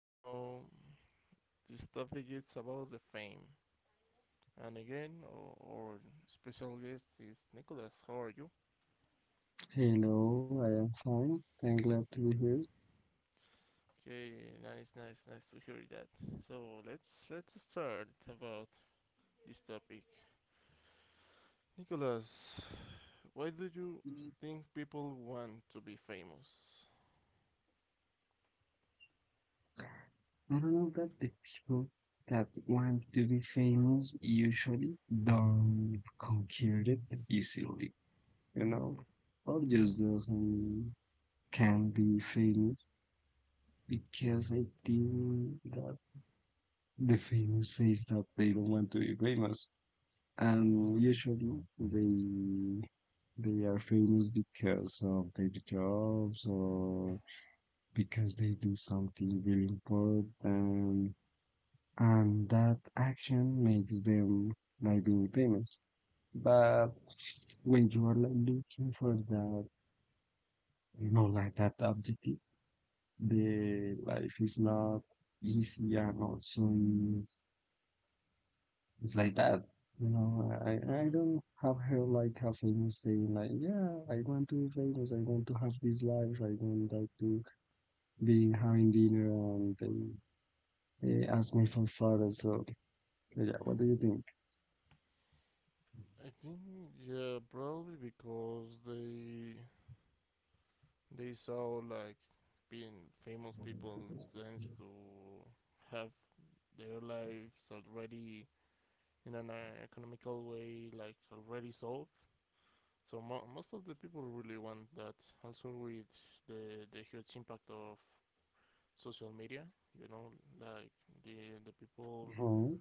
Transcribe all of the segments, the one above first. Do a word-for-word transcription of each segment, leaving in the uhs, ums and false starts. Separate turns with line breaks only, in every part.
Now, this topic is about the fame, and again, our, our special guest is Nicholas. How are you?
Hello, I am fine. I'm glad to be here.
Okay, nice, nice, nice to hear that. So let's let's start about this topic. Nicholas, why do you think people want to be famous?
I don't know that the people that want to be famous usually don't conquer it easily, you
Hmm.
know? Or
Yeah.
just doesn't can be famous because I think that the famous says that they don't want to be famous.
Mm-hmm.
And usually they they are famous because of their jobs or because they do something really important and, and that action makes them like being famous. But when you are like looking for that, you know, like that objective, the life is not easy and also is- it's like that. You know, I, I
Mm-hmm.
don't have heard like a famous saying like, yeah, I want to be famous, I want to have this life, I want like to be having dinner and he asked me for father. So eh, yeah, what do you think?
I think yeah, probably because they they saw like being famous people tends to have their lives already in an uh, economical way, like already solved. So mo- most of the people really want that. Also with the the huge impact of social media, you know, like the the people
Hmm.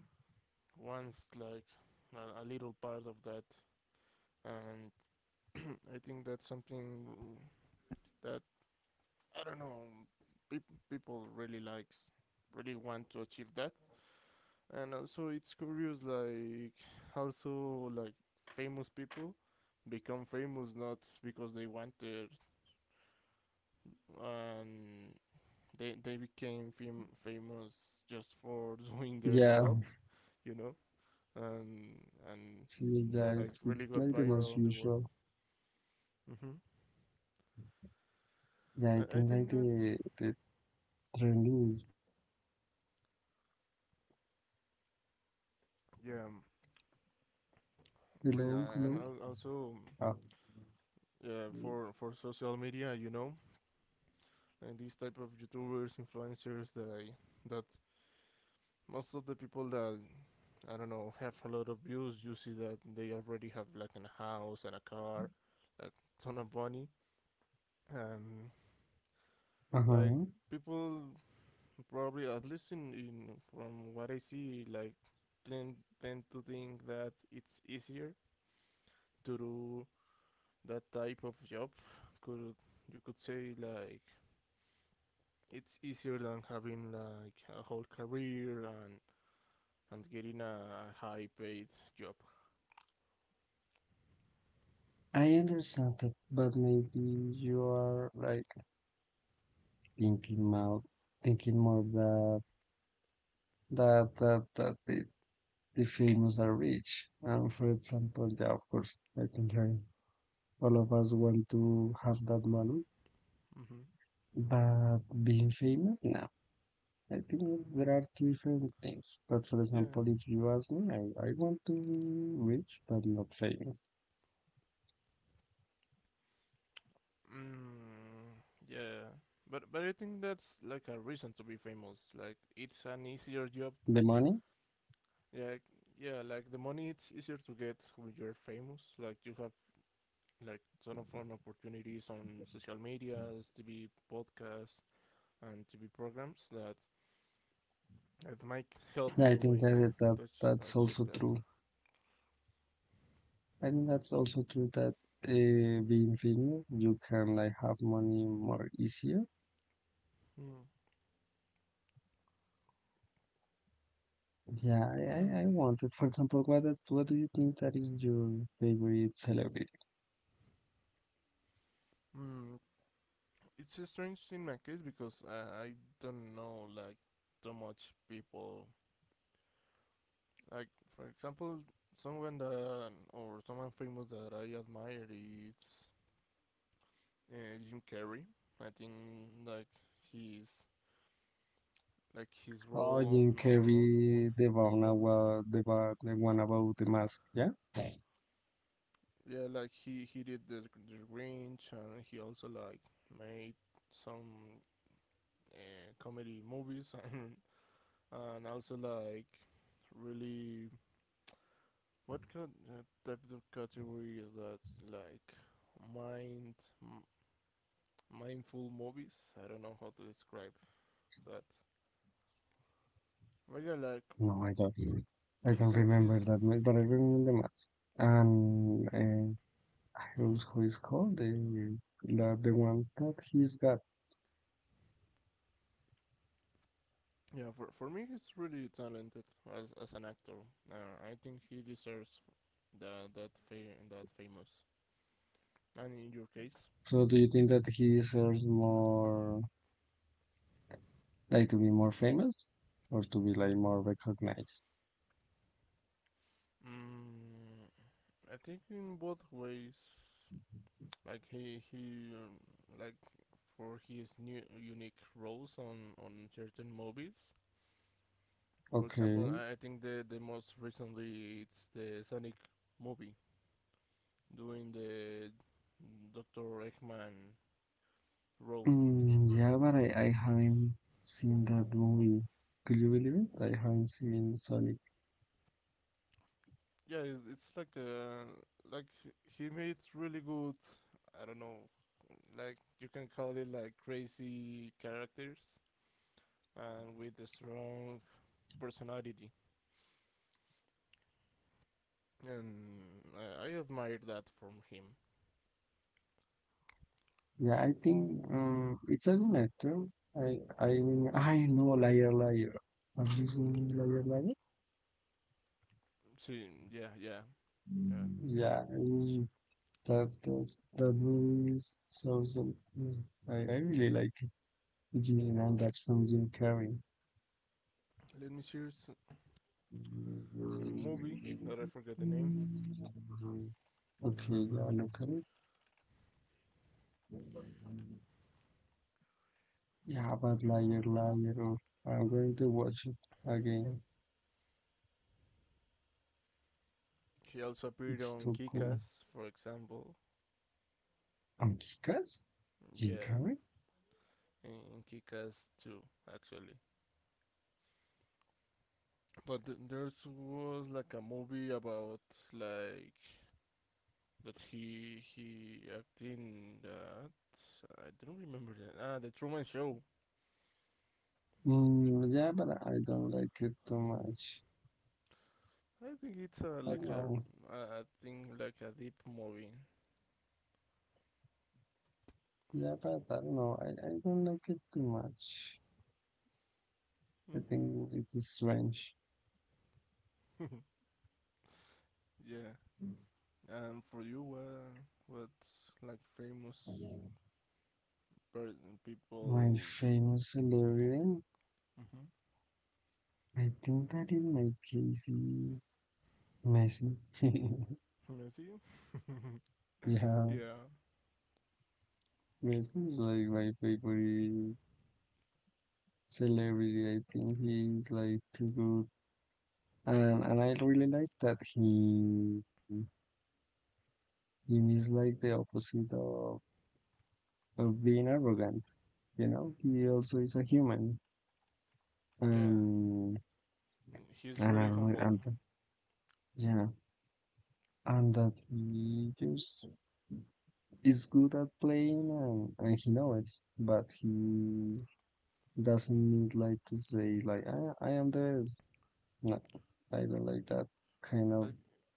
wants like a, a little part of that, and I think that's something that I don't know. Peop- people really likes, Really want to achieve that, and also it's curious. Like also like famous people become famous not because they wanted, and they they became fam- famous just for doing their
Yeah,
job, you know, and and
see,
yeah,
yeah,
like
it's
really
it's
got
like the
viral
most
on the world.
usual.
Mm-hmm.
Yeah, I
I, I
think
think
like
that
the the trend is that
yeah,
hello,
we uh,
hello.
and
Ah,
also yeah for for social media, you know, and these type of YouTubers, influencers, that that most of the people that I don't know have a lot of views, you see that they already have like a house and a car, like ton of money, and like
uh-huh.
people probably at least in, in from what I see, like tend tend to think that it's easier to do that type of job. Could You could say like it's easier than having like a whole career and and getting a high paid job.
I understand that, but maybe you are like thinking more, thinking more that that that that the, the famous are rich. And for example, yeah, of course, I think like all of us want to have that money,
Hmm.
but being famous, no. I think there are two different things. But for
Yeah.
example, if you ask me, I, I want to be rich but not famous.
Mm, yeah. But but I think that's like a reason to be famous. Like it's an easier job.
The money,
Like yeah, like the money it's easier to get when you're famous. Like you have like ton of fun opportunities on social medias, T V podcasts, and T V programs that that might help
I
you
think
in
that, that
touch
that's
achieve
also
that.
true. I think that's also true that uh, being famous, you can like have money more easier.
Mm.
Yeah, I, I, I wanted. For example, what what do you think that is your favorite celebrity?
Mm, it's a strange in my case because I, I don't know like too much people. Like for example, someone that or someone famous that I admire is uh, Jim Carrey. I think like his like his
Oh,
role
Jim
on on on,
Carrey, the
mov- on
one
movies.
about the, one- the one about the mask. Yeah.
Yeah, like he he did the the Grinch and he also like made some uh, comedy movies and and also like really What kind uh, type of category is that? Like mind, m- mindful movies? I don't know how to describe that. But yeah, like
No, I don't. I
he's
don't
a,
remember
he's
that much, but I remember the mask. And uh, I
mhm.
also who is called the, the the one that he's got.
Yeah. For for me, he's really talented as as an actor. Uh, I think he deserves that that fame that famous. And in your case,
So do you think that he deserves more, like to be more famous, or to be like more recognized?
mm, I think in both ways. Like he he um, like for his new unique roles on on certain movies. For example,
Okay.
I think the the most recently it's the Sonic movie doing the Doctor Eggman role.
Mm, yeah, but I, I haven't seen that movie. Could you believe it? I haven't seen Sonic.
Yeah, it's, it's like a like he made really good. I don't know, like you can call it like crazy characters and with a strong personality, and I, I admire that from him.
Yeah, I think um, it's a good actor. I I mean, I know Liar Liar. Have you seen Liar Liar?
See, yeah, yeah, yeah.
Yeah, mm, that that that movie is so so. Mm, I I really like it. You know, that's from Jim Carrey.
Let me choose a movie that I forget the name.
Okay, yeah, look at it. Yeah, about
Mm-mm.
Liar Liar. Oh, I'm going to watch it again.
She also appeared
It's
on
too cool.
Kikas, for example.
Um, Kikas?
Yeah,
Kikari?
in Kikas too, actually. But there was like a movie about like that he he acted in that. I don't remember that. Ah, the Truman Show.
Mm, yeah, but I don't like it too much.
I think it's a
I don't
like a
know.
I think like a deep movie.
Yeah, but I don't know. I, I don't like it too much. I
Hmm.
think it's strange.
Yeah. And for you, uh, what like famous person
My
people?
famous celebrity,
Mm-hmm.
I think that in my case is Messi.
Messi?
Yeah,
Yeah.
Messi is like my favorite celebrity. I think he's like too good. And and I really like that he he is like the opposite of of being arrogant. You know, he also is a human,
Yeah.
and
He's
and I
really
don't know,
humble.
and th- yeah, and that he just is good at playing, and and he know it, but he doesn't need like to say like I I am the best. No, I don't like that kind of
Like,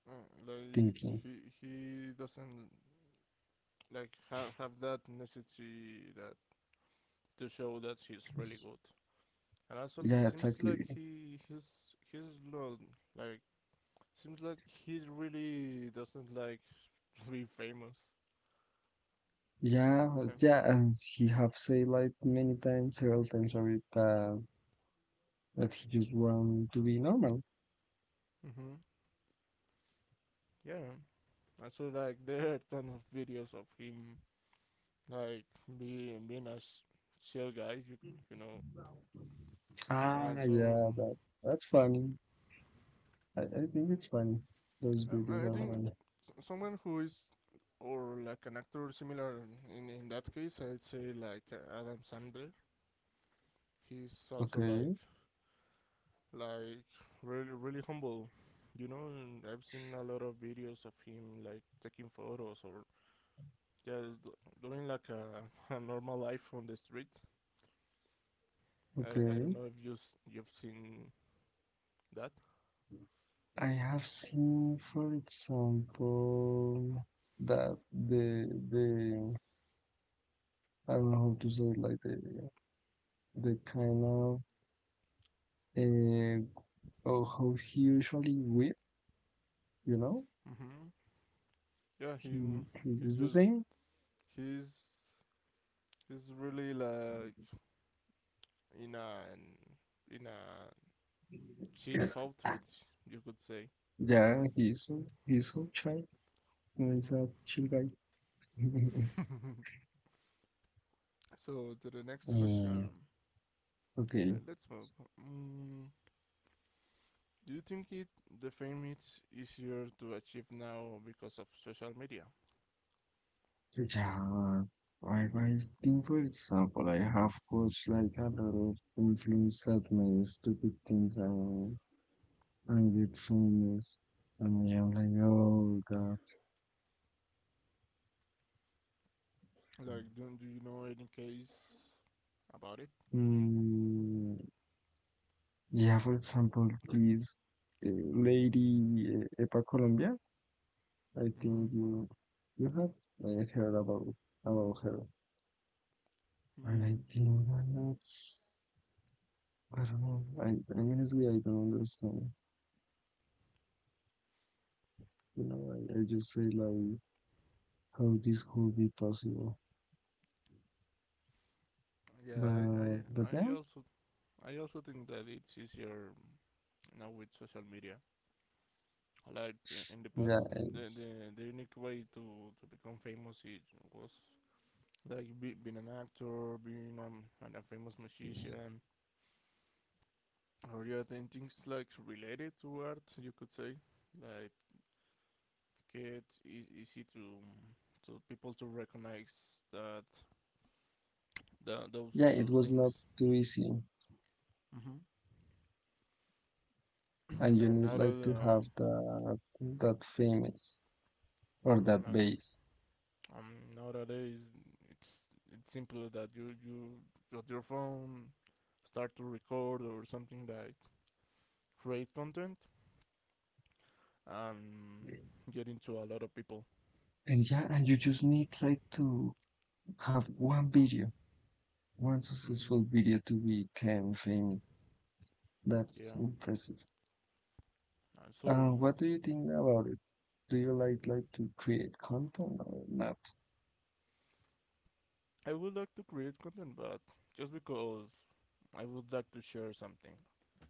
uh, like
thinking.
he he doesn't like have have that necessity that to show that he's really good. And also, it
Yeah,
seems like
exactly.
he he's he's not like seems like he really doesn't like to be famous.
Yeah,
No.
yeah, and he have said like many times, several times already that that he just want to be normal.
Mhm. Yeah. Also, like there are ton of videos of him like being being a sh- chill guy, you you know. And
Ah,
also,
yeah, that that's funny. I, I think it's funny. Those
Um,
videos
I
are
think
funny.
s- someone who is or like an actor similar in, in that case, I'd say like uh, Adam Sandler. He's also like
Okay,
like really really humble, you know. And I've seen a lot of videos of him like taking photos or yeah d- doing like a, a normal life on the street. I, I don't
okay.
know if you s- you've seen that.
I have seen, for example, that the the I don't know how to say it, like the the kind of uh, oh how he usually whip, you know?
Hmm. Yeah, he
He
he's
he's the
just
same.
he's he's really like in a in a
Yeah,
cheap outfit, you could say.
yeah, he's he's so chill. He's
Mm-hmm.
a chill guy.
So to the next
Mm,
question, uh,
okay.
let's move. Mm, do you think it the fame is easier to achieve now because of social media?
Yeah, I, I think, for example, I have coached like a lot of influence like my stupid things I, I get famous. And I'm like, oh God.
Like, do do you know any case about it?
Mm, yeah, for example, please, uh, Lady uh, Epa Colombia, I
Mm-hmm.
think you you have uh, heard about about her. And
Hmm.
I think that that's, I don't know, I, I honestly I don't understand. You know, I, I just say like how this could be possible.
Yeah,
But
I,
but
I I
then
also I also think that it's easier now with social media. Like in the
yeah,
past, the
it's
the, the unique way to, to become famous it was like be, being an actor, being um, a famous musician, or yeah, then things like related to art, you could say, like it is easy to to people to recognize that, that those
yeah, it
those
was not
things,
too easy, and you
and now
need like to
uh,
have that that famous or that
and
base.
um, nowadays it's it's simple that you you got your phone, start to record or something like create content and get into a lot of people.
And yeah, and you just need like to have one video, one
Hmm.
successful video to become famous. That's
Yeah.
impressive.
And so
Uh,
mm,
what do you think about it? Do you like like to create content or not?
I would like to create content, but just because I would like to share something,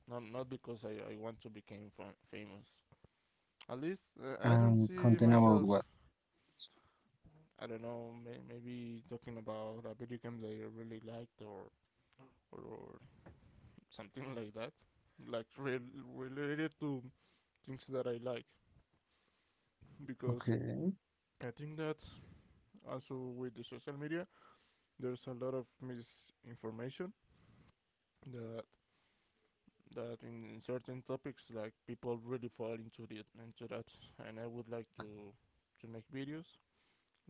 not not because I, I want to become fam- famous. At least uh, I don't
Um,
see
content about
myself.
what?
I don't know, may- maybe talking about a video game that I really liked or or, or something like that, like re- related to things that I like, because
Okay,
I think that also with the social media, there's a lot of misinformation that that in, in certain topics like people really fall into the into that and I would like to to make videos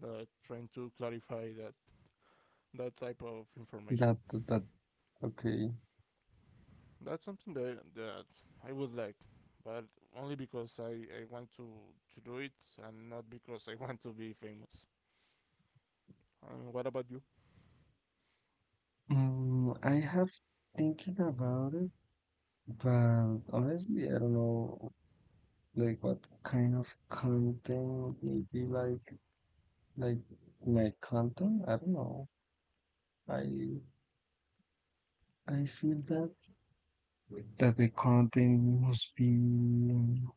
that trying to clarify that that type of information.
that that okay.
That's something that that I would like but only because I, I want to, to do it and not because I want to be famous. And what about you?
Mm, I have thinking about it, but honestly, I don't know like what kind of content maybe like like my content. I don't know. I I feel that that the content must be um,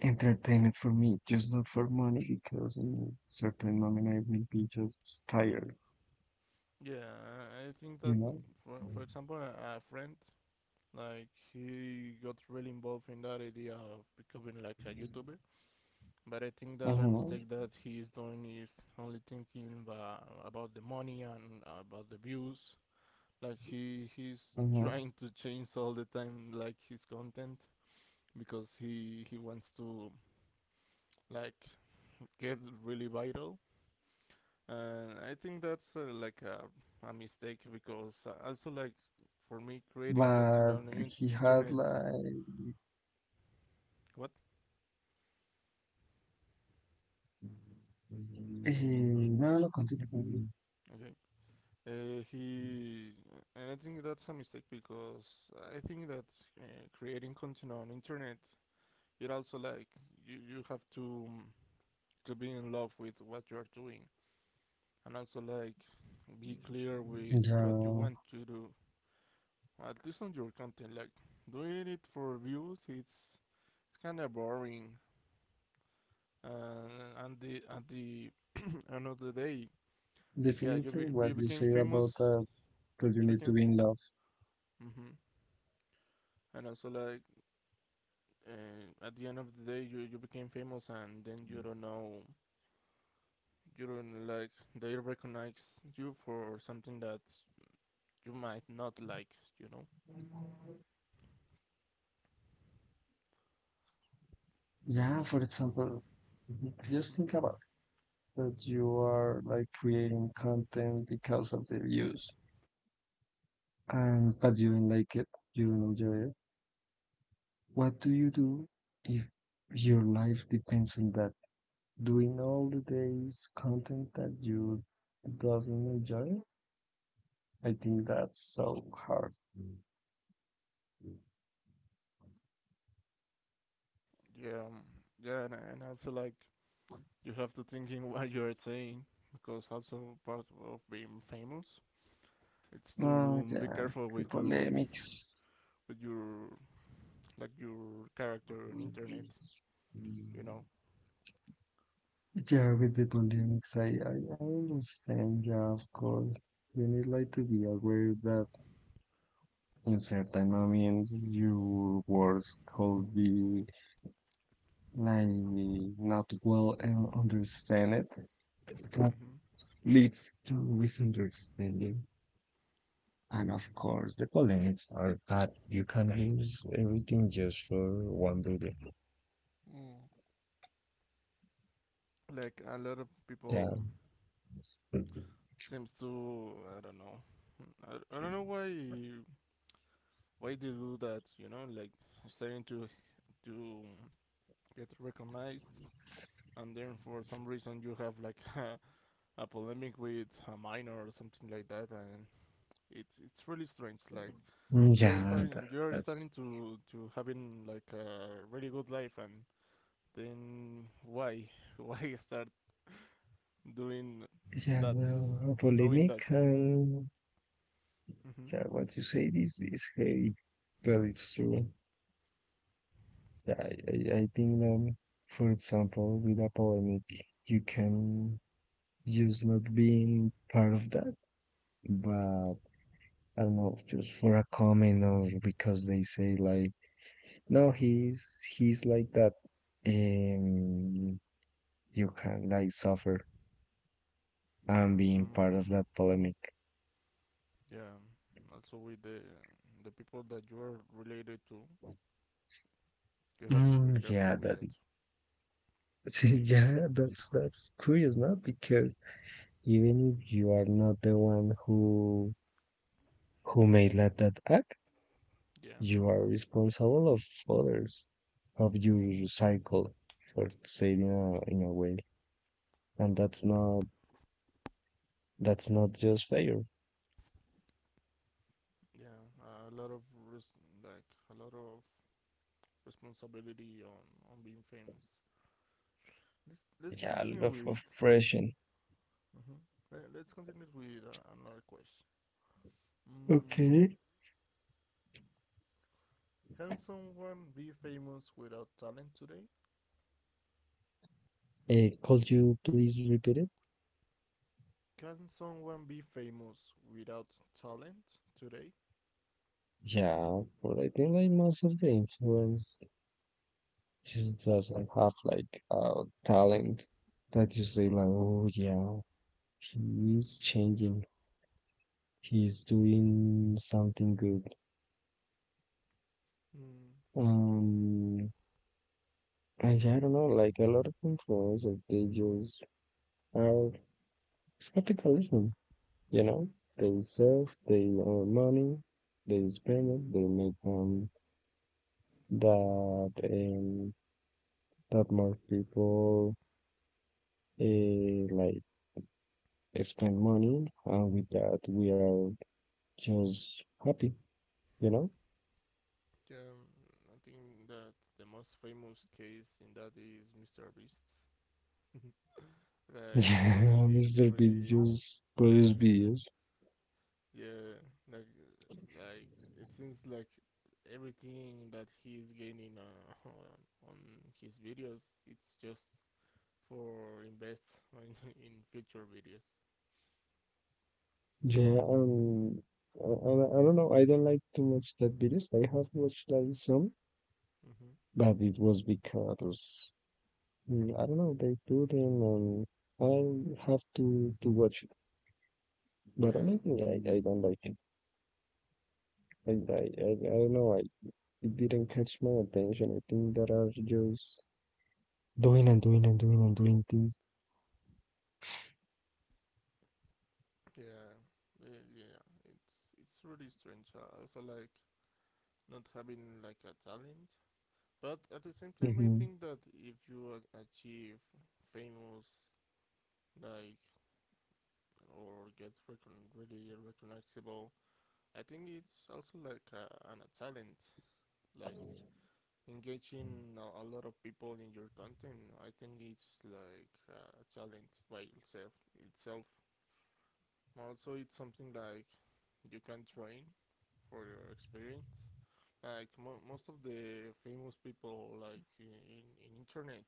entertainment for me, just not for money, because in certain moment I will be just tired,
Yeah, I think
you
that,
know.
for, for example, a, a friend, like, he got really involved in that idea of becoming like a YouTuber. But I think that a
Mm-hmm,
mistake that he is doing is only thinking uh, about the money and uh, about the views. Like he he's
mm-hmm.
trying to change all the time, like his content, because he he wants to like get really viral. And I think that's uh, like a, a mistake because uh, also like for me creating content
But
on
he
the
had
internet.
like.
What?
Eh, no, no, continue. Continue.
Okay. Uh, he and I think that's a mistake because I think that uh, creating content on internet it also like you, you have to um, to be in love with what you are doing and also like be clear with what you want
Yeah,
to do at least on your content like doing it for views it's it's kind of boring uh, and the at the end of the day yeah you be,
definitely what
you
you
became
say about
famous
that, that you
you
need
became
to be in love.
mm-hmm. And also like uh, at the end of the day you, you became famous and then you don't know you don't like they recognize you for something that you might not like you know.
Yeah, for example, just
Hmm.
think about that you are like creating content because of the views, and but you don't like it, you don't enjoy it. What do you do if your life depends on that? Doing all the days content that you doesn't enjoy? I think that's so hard.
yeah um, yeah and, and also like you have to think in what you're saying because also part of being famous it's
Oh,
to be
yeah,
careful
the
with your
polemics.
with your like your character on internet you know.
Yeah, with the polemics, I, I, I understand. Yeah, of course. You need like to be aware that in certain moments your words could be like not well and understand it. That
Hmm.
leads to misunderstanding. And of course, the polemics are that you can use everything just for one reason.
Mm. Like a lot of
Yeah,
people
but
seems to I don't know. I, I don't know why why they do that. You know, like starting to to get recognized, and then for some reason you have like a, a polemic with a minor or something like that, and it's it's really strange. Like you're
yeah, that,
starting you're starting
that's
to to having like a really good life, and then why why start doing
yeah.
that
The uh,
knowing
polemic,
that.
uh,
Mm-hmm.
yeah, what you say is is heavy, but it's true. Yeah, I, I I think um, for example, with a polemic, you can just not being part of that, but I don't know, just for a comment or because they say like, no, he's he's like that, and you can like suffer and being
Hmm.
part of that polemic.
Yeah, also with the the people that you are related to, you have to be
Mm,
careful
yeah,
with
that
that.
yeah, that's that's curious, not because even if you are not the one who who made that, that act,
Yeah,
you are responsible of others, of your cycle, for saying in a, in a way, and that's not that's not just fair.
yeah, a lot of res- like a lot of responsibility on on being famous. Let's let's
Yeah, a lot
continue
of
with.
oppression.
Mhm. Le- Let's continue with uh, another question. Mm,
Okay.
can someone be famous without talent today?
Uh, could you please repeat it?
Can someone be famous without talent today?
Yeah, but I think like most of the influence just doesn't have like uh talent that you say like oh yeah he is changing. He is doing something good.
Mm.
Um, I don't know, like a lot of influencers, they just are it's capitalism, you know? They serve, they earn money, they spend it, they make um that um that more people uh, like spend money, and with that we are just happy, you know?
Yeah, I think that the most famous case in that is mister Beast. Like he he
mister Beast
really
just produce videos.
yeah like like it seems like everything that he is gaining uh, on on his videos it's just for invest in, in future videos.
Yeah, um, I, I I don't know. I don't like too much that videos. I have watched like some,
Mm-hmm.
but it was because mm, I don't know they do them, and I have to to watch it. But
Yeah,
honestly, I, I don't like it. I, I I I don't know. I it didn't catch my attention. I think that are just doing and doing and doing and doing things.
yeah, yeah, yeah. It's it's really strange. Uh, also like not having like a talent. But at the same time, I
Hmm.
think that if you achieve famous, like, or get recon- really recognizable, I think it's also like a, an, a talent. Like, engaging a, a lot of people in your content, I think it's like a talent by itself. itself. Also, it's something like you can train for your experience. Like, mo- most of the famous people, like, in, in, in internet,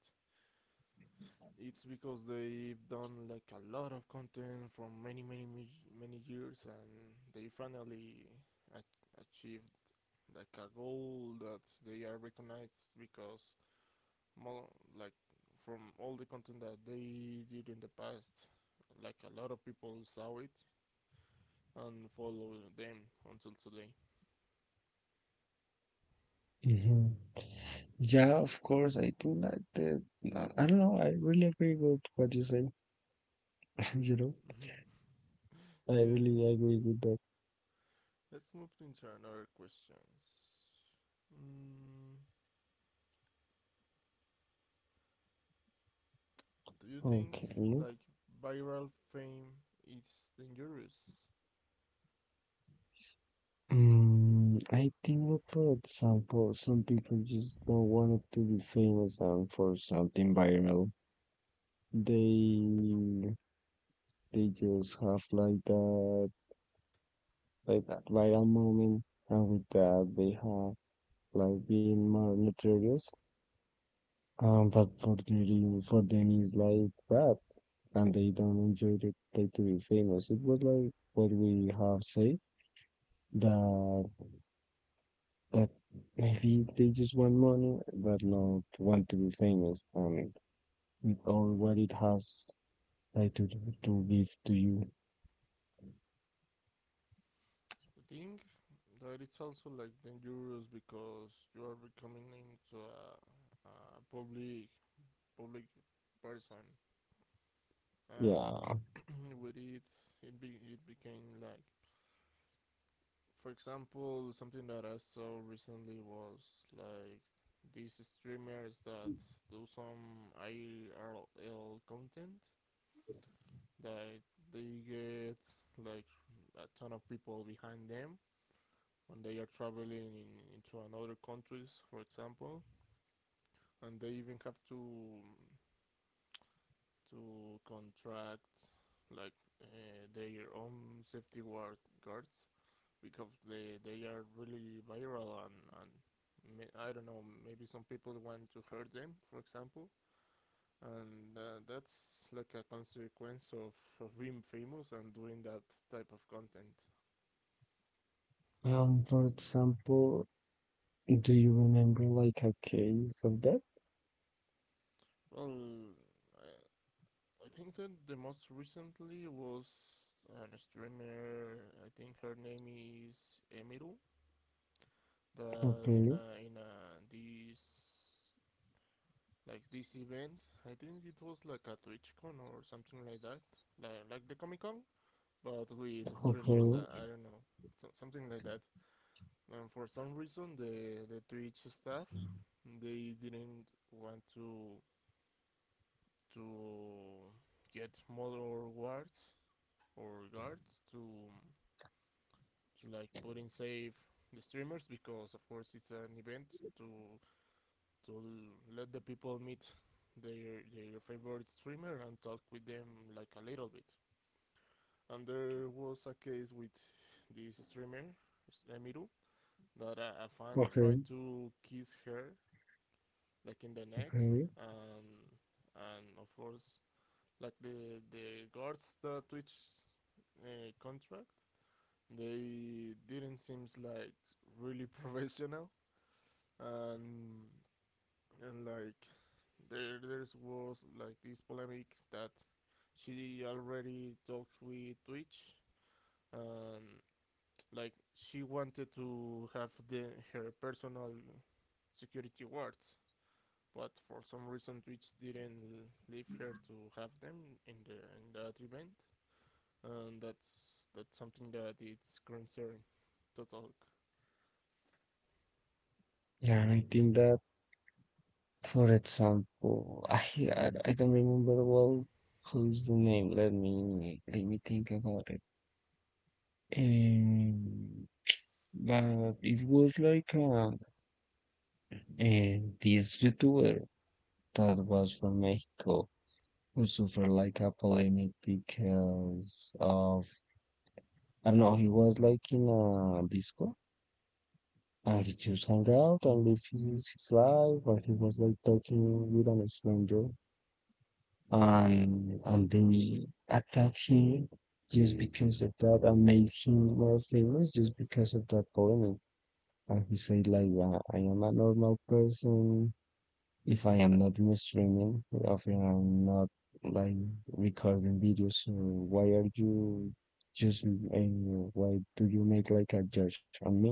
it's because they've done like a lot of content from many many many, years, and they finally a- achieved like a goal that they are recognized because more like from all the content that they did in the past, like a lot of people saw it and follow them until today.
Hmm. Yeah, of course. I think that the I I don't know. I really agree with what you say. You know. I
Yeah,
really agree with that.
let's move into another questions. mm, Do you think
Okay.
like viral fame is dangerous?
Mm, I think, for example, some people just don't want to be famous and for something viral. They they just have like that like that viral moment, and with that they have like being more notorious. Um,
Mm-hmm.
but for them, for them is like bad, and they don't enjoy it like to be famous. It was like what we have said that but maybe they just want money, but not want to be famous and with all what it has like to to give to you.
I think that it's also like dangerous because you are becoming into a, a public public person, and
Yeah.
with it, it be, it became like, for example, something that I saw recently was like these streamers that do some I R L content that they get like a ton of people behind them when they are traveling in, into another countries, for example, and they even have to to contract like uh, their own safety guard, guards because they they are really viral and and ma- I don't know, maybe some people want to hurt them, for example, and uh, that's like a consequence of, of being famous and doing that type of content.
Um. For example, do you remember like a case of that?
Well, I- I think that the most recently was an streamer. I think her name is Emiru. That in
Okay.
a, in a, this like this event, I think it was like a TwitchCon or something like that, like like the Comic Con, but with streamers. I,
Okay.
I don't know, so, something like that. And for some reason, the the Twitch staff, they didn't want to to get more rewards for regards to to like putting safe the streamers, because of course it's an event to to let the people meet their their favorite streamer and talk with them like a little bit. And there was a case with this streamer Emiru that a, a fan
Okay.
tried to kiss her like in the neck,
Okay.
and and of course like the the guards that Twitch uh, contract, they didn't seems like really professional, and and like there there was like this polemic, that she already talked with Twitch, and like she wanted to have the her personal security wards, but for some reason Twitch didn't leave her to have them in the in that event, and that's that's something that it's concerning to talk.
Yeah, I think that. For example, I I, I don't remember well who's the name. Let me let me think about it. Um, but it was like a and this YouTuber that was from Mexico who suffered like a polemic because of I don't know, he was like in a disco and he just hung out and lived his, his life and he was like talking with an stranger
Mm-hmm.
and and they attacked him just because of that and made him more famous just because of that polemic. And he said like I I am a normal person if I am not streaming, often I'm not like recording videos. So why are you just and why do you make like a judge on me?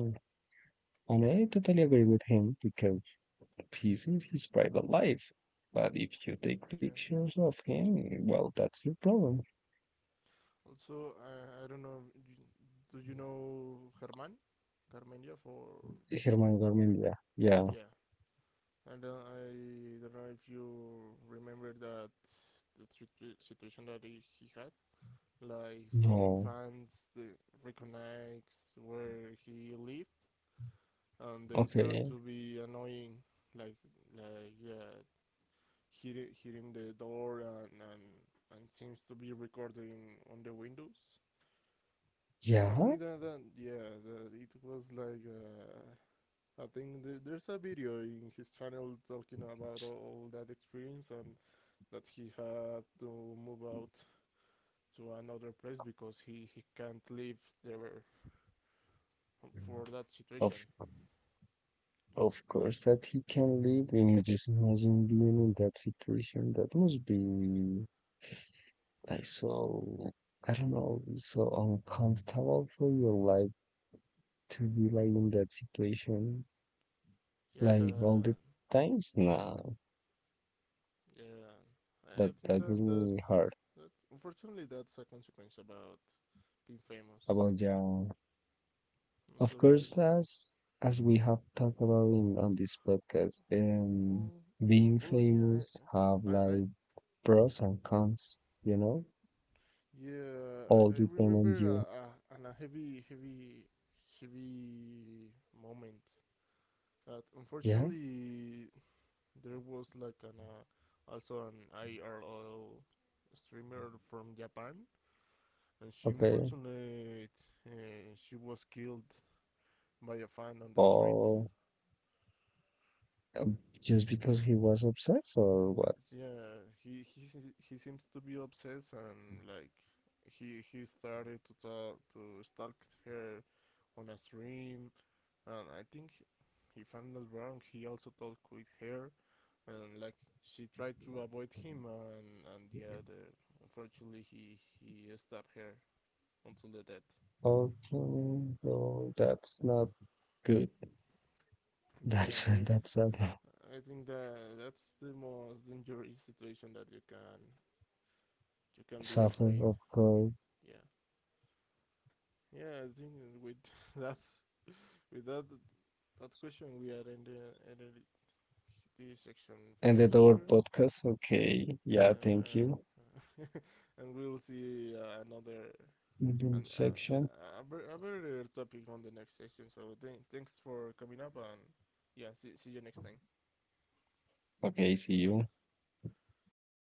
And I totally agree with him because he's in his private life. But if you take
Yeah.
pictures of him, well, that's your problem.
Also, uh, I don't know. you- Do you know Germán? Carmenio for
Germán Garmendia. Yeah.
yeah. I don't. I don't know if you remember that the situ- situation that he, he had. Like some
No.
fans they recognize where he lived, and they start
Okay.
to be annoying. Like like yeah, hitting hitting the door and and and seems to be recording on the windows. I
Yeah.
think that, that yeah, that it was like uh, I think th- there's a video in his channel talking about all, all that experience, and that he had to move out to another place because he he can't live there for that situation.
Of of
Uh,
course that he can live in just imagine being in that situation. That must be like so, I don't know, so uncomfortable for your life to be like in that situation,
yeah, the
like all the times. No,
yeah,
that
I
that
think that
really
that's
hard
that's unfortunately that's a consequence about being famous.
about young.
So
Of
like,
course, as as we have talked about in on this podcast, um,
oh,
being
oh yeah,
famous have
I I I
like pros and cons. You know,
Yeah, I,
all
I
depend on
remember a,
you.
a, an- a heavy, heavy, heavy moment. That
Yeah.
unfortunately, there was like an uh, also an I R L streamer from Japan, and she
Okay.
unfortunately uh, she was killed by a fan on the street.
Or um, just because he was obsessed or what?
Yeah, he he he seems to be obsessed, and like he he started to talk to stalk her on a stream. And I think, if I'm not wrong, he also talked with her, and like she tried to avoid him, and and yeah, the, unfortunately he he stabbed her until the death.
Okay, no, that's not good. That's
Yeah,
that's a
I, think that that's the most dangerous situation that you can you can be
suffering,
afraid.
of course.
Yeah, yeah, I think with that with that that question we are in the energy section
And the door
here.
podcast. Okay, yeah,
Yeah,
thank you.
uh, and we'll see uh, another
In the
and
section.
uh, I, bet- I better topic on the next session. So th- thanks for coming up, and yeah, see, see you next time.
Okay, see you.